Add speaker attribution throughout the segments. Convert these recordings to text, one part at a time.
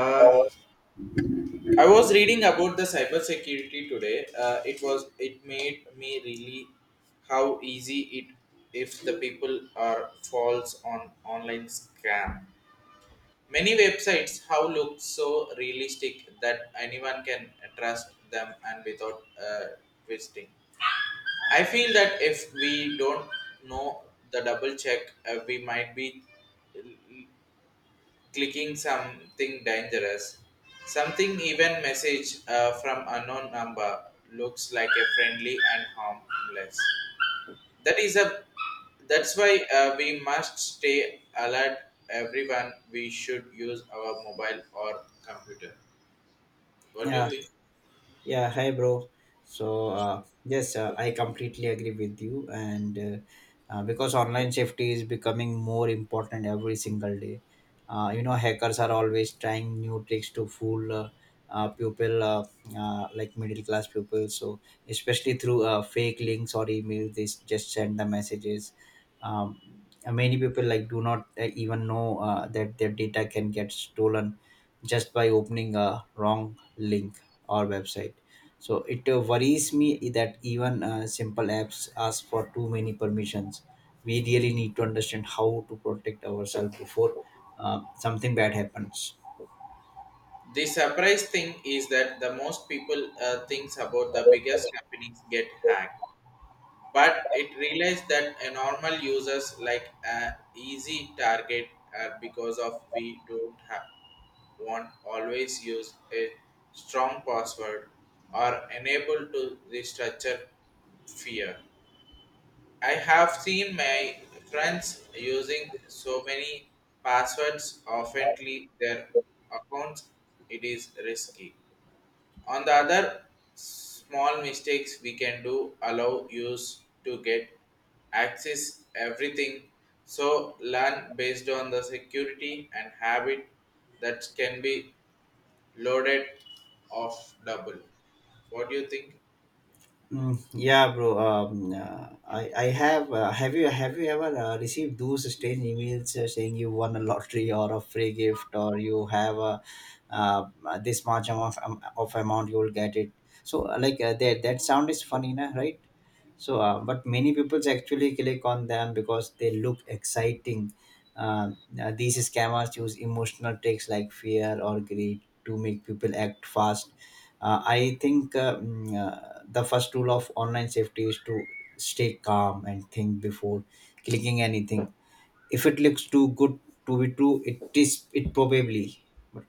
Speaker 1: Uh,
Speaker 2: Uh,
Speaker 1: I was reading about the cybersecurity today. It was it made me really how easy it if the people are false on online scam. Many websites how look so realistic that anyone can trust them and without uh, visiting. I feel that if we don't know the double check, we might be clicking something dangerous. Something even message from unknown number looks like a friendly and harmless. That is a that's why we must stay alert. Everyone, we should use our mobile or computer. What do you
Speaker 2: yeah,
Speaker 1: think?
Speaker 2: yeah. Hi, bro. So, yes, I completely agree with you. And because online safety is becoming more important every single day, hackers are always trying new tricks to fool people, like middle class people. So, especially through fake links or emails, they just send the messages. Um, and many people like do not even know that their data can get stolen just by opening a wrong link or website. So it worries me that even simple apps ask for too many permissions. We really need to understand how to protect ourselves before something bad happens.
Speaker 1: The surprise thing is that the most people thinks about the biggest companies get hacked but it realized that a normal users like a easy target because of we don't have want always use a strong password or enable to restructure fear. I have seen my friends using so many passwords oftenly their accounts it is risky. On the other, small mistakes we can do allow use to get access everything. So learn based on the security and habit that can be loaded off double. What do you think?
Speaker 2: Mm, yeah, bro. I have. Have you ever received those strange emails saying you won a lottery or a free gift or you have a uh, this much amount of amount you will get it. So like that sound is funny, na, right? So, but many people actually click on them because they look exciting. Uh, these scammers use emotional tricks like fear or greed to make people act fast. I think the first rule of online safety is to stay calm and think before clicking anything. If it looks too good to be true, it is. It probably, but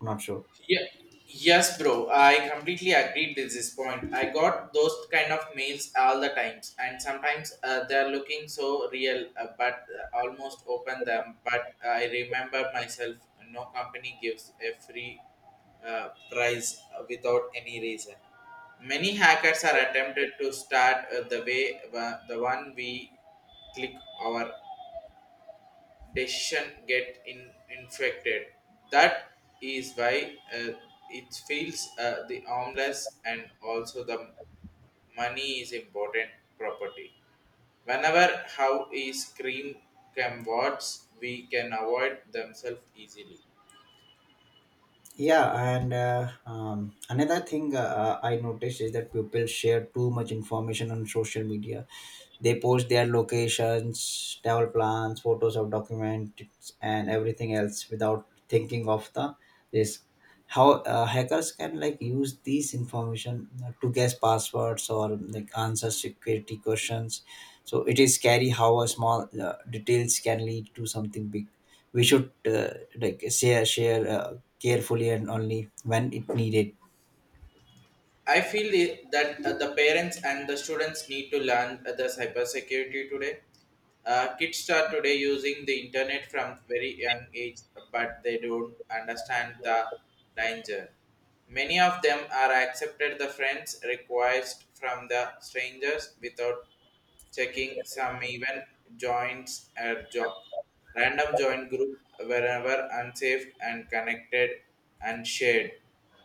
Speaker 2: not sure.
Speaker 1: Yeah, yes, bro. I completely agreed with this point. I got those kind of mails all the times, and sometimes they're looking so real, but almost open them. But I remember myself. No company gives a free prize without any reason. Many hackers are attempted to start the way the one we click our decision get in, infected. That is why it feels the armless and also the money is important property. Whenever how is cream can watch, we can avoid themselves easily.
Speaker 2: Yeah, and another thing I noticed is that people share too much information on social media. They post their locations, travel plans, photos of documents, and everything else without thinking of the risk. How hackers can like use these information to guess passwords or like answer security questions. So it is scary how a small details can lead to something big. We should like share carefully and only when it needed.
Speaker 1: That the parents and the students need to learn the cybersecurity today. Kids start today using the internet from very young age, but they don't understand the danger. Many of them are accepted the friends request from the strangers without checking some even joints or jo- random joint group wherever unsafe and connected and shared.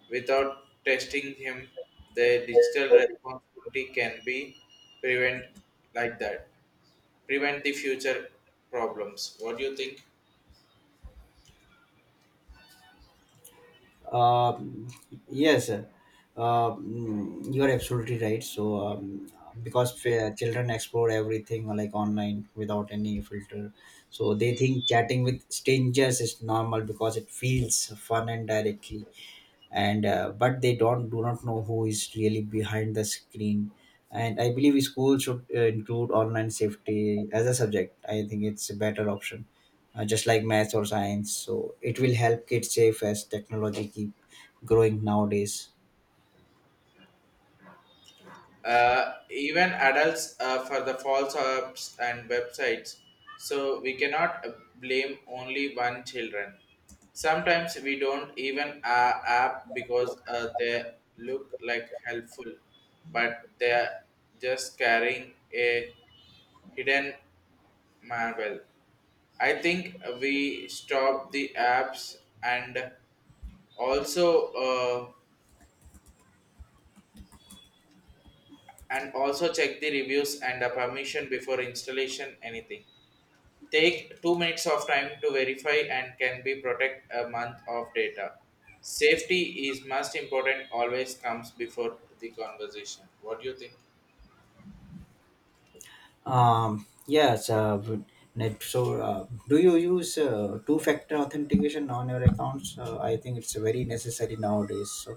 Speaker 1: Without testing him, the digital responsibility can be prevent like that. Prevent the future problems. What do you think?
Speaker 2: um, yes, you are absolutely right. So because children explore everything like online without any filter. So they think chatting with strangers is normal because it feels fun and directly. And but they don't do not know who is really behind the screen. And I believe schools should include online safety as a subject. I think it's a better option, just like math or science. So it will help kids safe as technology keep growing nowadays.
Speaker 1: Even adults for the false apps and websites so we cannot blame only one children sometimes we don't even app because they look like helpful but they're just carrying a hidden marvel. I think we stop the apps and also check the reviews and the permission before installation anything take 2 minutes of time to verify and can be protect a month of data. Safety is most important. Always comes before the conversation. What do you think?
Speaker 2: Yes, but net, so do you use two factor authentication on your accounts? I think it's very necessary nowadays. So,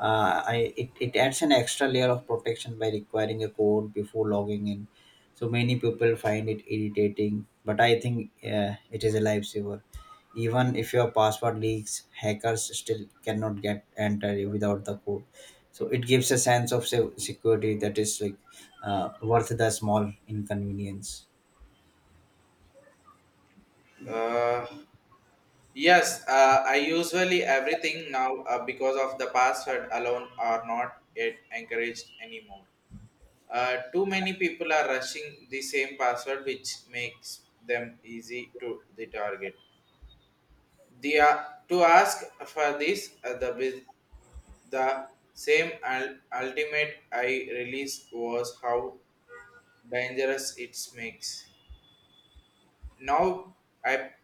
Speaker 2: it adds an extra layer of protection by requiring a code before logging in. So many people find it irritating, but I think it is a lifesaver. Even if your password leaks, hackers still cannot get enter without the code. So it gives a sense of security that is like worth the small inconvenience.
Speaker 1: Uh, yes, I usually everything now because of the password alone are not yet encouraged anymore. Too many people are rushing the same password, which makes them easy to the target. The to ask for this the bus- The same ultimate I release was how dangerous it makes. Now I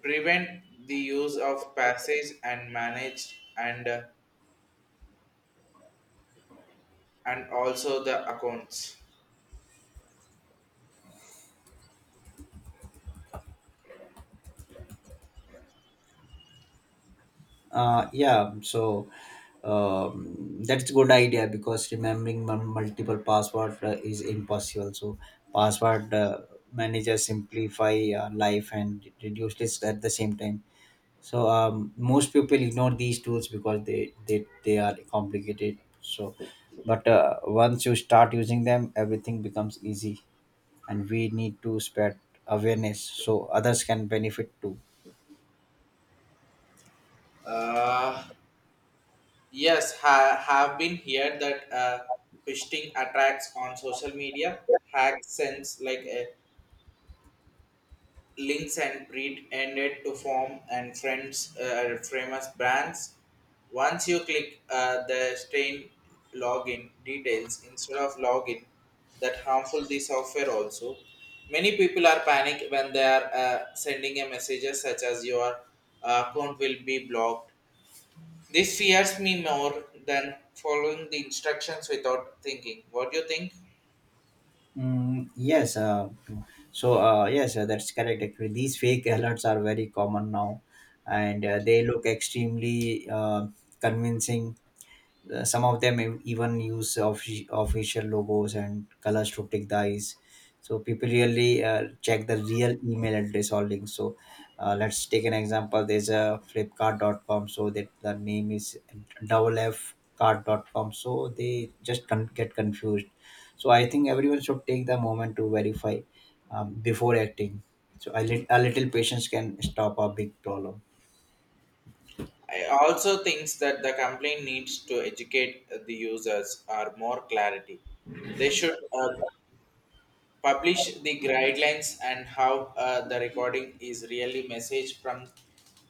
Speaker 1: prevent the use of passage and manage and also the accounts.
Speaker 2: Yeah, so, that's good idea because remembering multiple password is impossible. So password manager simplify life and reduce risk at the same time. So, most people ignore these tools because they are complicated. So, but once you start using them, everything becomes easy, and we need to spread awareness so others can benefit too.
Speaker 1: Uh, yes, have been here that phishing attacks on social media hack sense like Links and Breed ended to form and friends famous brands. Once you click the stain login details instead of login, that harmful the software also. Many people are panic when they are sending a messages such as your account will be blocked. This fears me more than following the instructions without thinking. What do you think?
Speaker 2: Mm, yes. So yes, that's correct. Actually, these fake alerts are very common now, and they look extremely convincing. Some of them even use official logos and colors to trick the eyes. So people really check the real email address or link. So, let's take an example. There's a Flipkart.com. So that the name is FFCard.com. So they just get confused. So I think everyone should take the moment to verify before acting. So a little patience can stop a big problem.
Speaker 1: I also thinks that the complaint needs to educate the users or more clarity. They should publish the guidelines and how the recording is really message from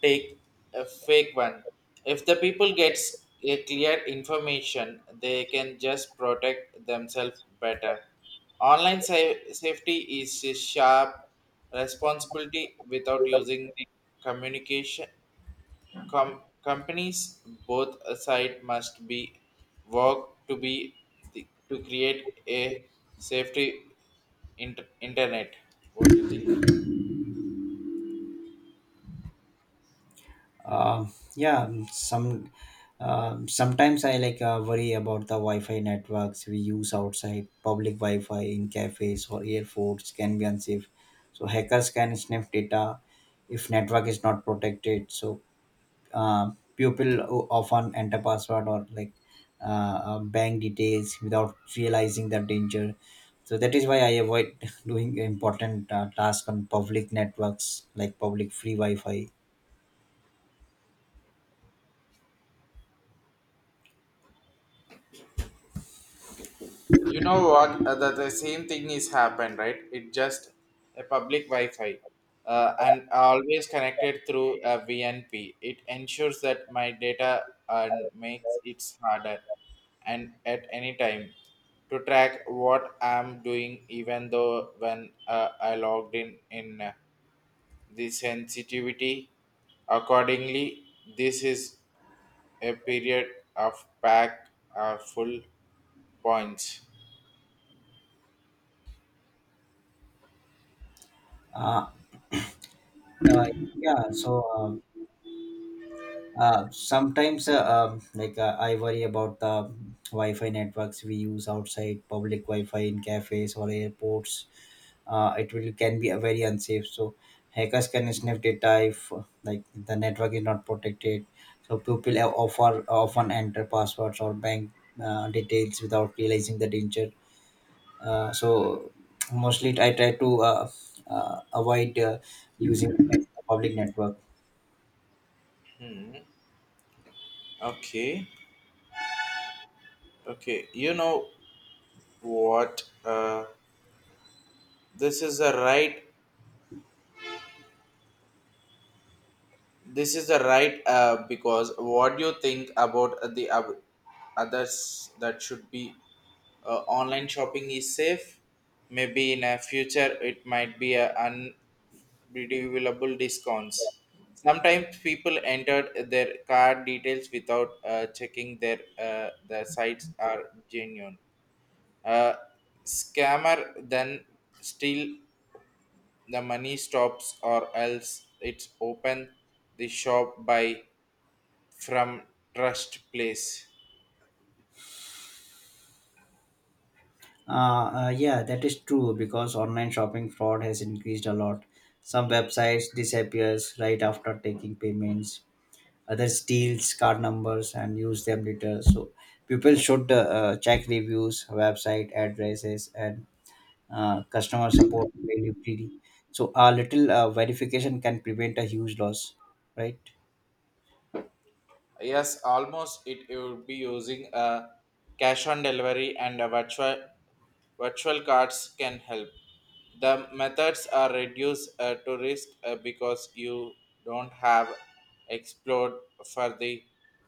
Speaker 1: take a fake one. If the people gets a clear information, they can just protect themselves better. Safety is a sharp responsibility without using the communication companies both side must be work to be to create a safety internet. What do you think?
Speaker 2: uh, yeah, mm, sometimes I like worry about the wi-fi networks we use outside public wi-fi in cafes or airports can be unsafe. So hackers can sniff data if network is not protected, so people often enter password or like uh, bank details without realizing the danger. So that is why I avoid doing important tasks on public networks like public free wi-fi.
Speaker 1: You know what? The same thing is happened, right? It just a public Wi-Fi, and always connected through a VNP. It ensures that my data and makes it harder, and at any time to track what I'm doing, even though when I logged in the sensitivity. Accordingly, this is a period of pack full points.
Speaker 2: Uh, Uh, yeah, so sometimes, like I worry about the Wi-Fi networks we use outside public Wi-Fi in cafes or airports. It will can be very unsafe. So hackers can sniff data if like the network is not protected. So people have offer often enter passwords or bank details without realizing the danger. So mostly I try to avoid using public network.
Speaker 1: Hmm. Okay, okay. You know what? This is a right. This is the right because what do you think about the others that should be online shopping is safe. Maybe in a future it might be a unbelievable discounts. Sometimes people entered their card details without checking their the sites are genuine. A scammer then steal the money stops or else it's open the shop by from trust place.
Speaker 2: Yeah, that is true because online shopping fraud has increased a lot. Some websites disappears right after taking payments. Others steals card numbers and use them later. So people should check reviews, website addresses, and customer support availability. So a little verification can prevent a huge loss, right?
Speaker 1: Yes, almost it would be using a cash on delivery and a virtual cards can help. The methods are reduced to risk because you don't have explored for the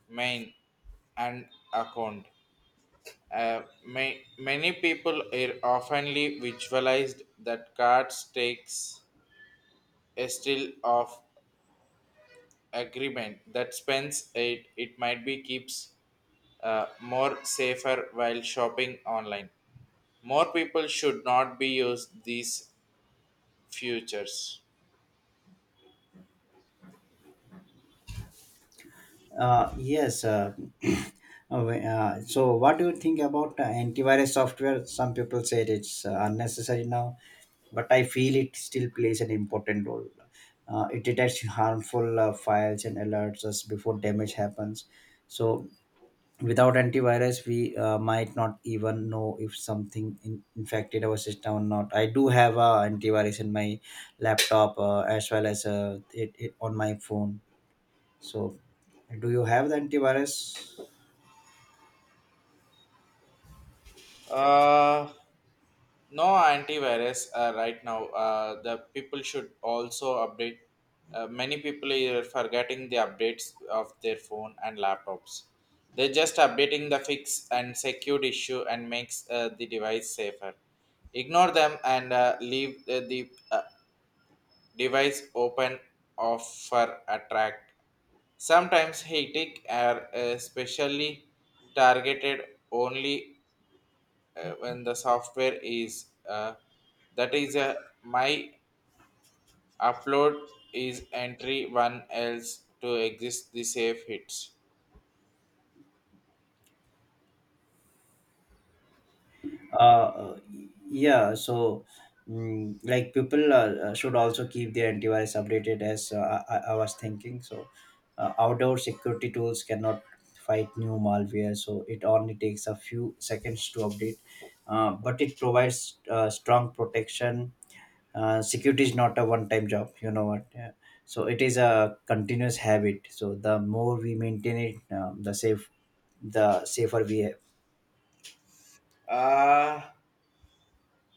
Speaker 1: main and account. Many people are oftenly visualized that cards takes a still of agreement that spends it it might be keeps more safer while shopping online more people should not be used these futures.
Speaker 2: Yes. So what do you think about antivirus software? Some people said it's unnecessary now. But I feel it still plays an important role. It detects harmful files and alerts us before damage happens. So, without antivirus, we might not even know if something infected our system or not. I do have a antivirus in my laptop as well as it on my phone. So, do you have the antivirus?
Speaker 1: Uh, no antivirus right now the people should also update many people are forgetting the updates of their phone and laptops they're just updating the fix and secure issue and makes the device safer ignore them and leave the device open off for attract sometimes hate are specially targeted only when the software is that is a my upload is entry one else to exist the safe hits.
Speaker 2: uh yeah, so, mm, like people should also keep their antivirus updated as I was thinking, so outdoor security tools cannot fight new malware, so it only takes a few seconds to update, but it provides strong protection. Security is not a one time job, you know what? Yeah. So it is a continuous habit, so the more we maintain it, the safer we...
Speaker 1: Uh,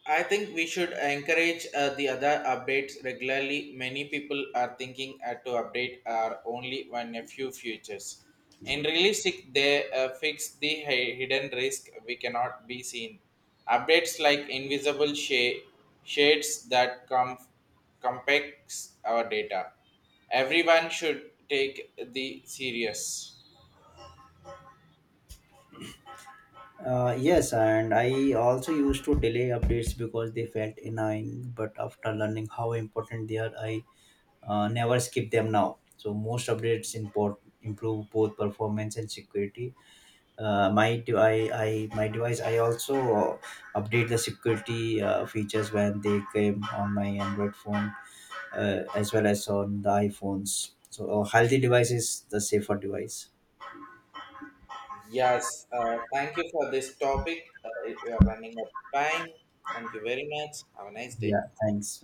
Speaker 1: I think we should encourage the other updates regularly. Many people are thinking to update are only when a few features. In realistic, they fix the hidden risk we cannot be seen. Updates like invisible shades that compacts our data. Everyone should take the serious.
Speaker 2: Yes, and I also used to delay updates because they felt annoying. But after learning how important they are, I never skip them now. So most updates improve both performance and security. My device, I also update the security features when they came on my Android phone, as well as on the iPhones. So a healthy device is the safer device.
Speaker 1: Yes, thank you for this topic. We are running out of time. Thank you very much. Have a nice day.
Speaker 2: Yeah, thanks.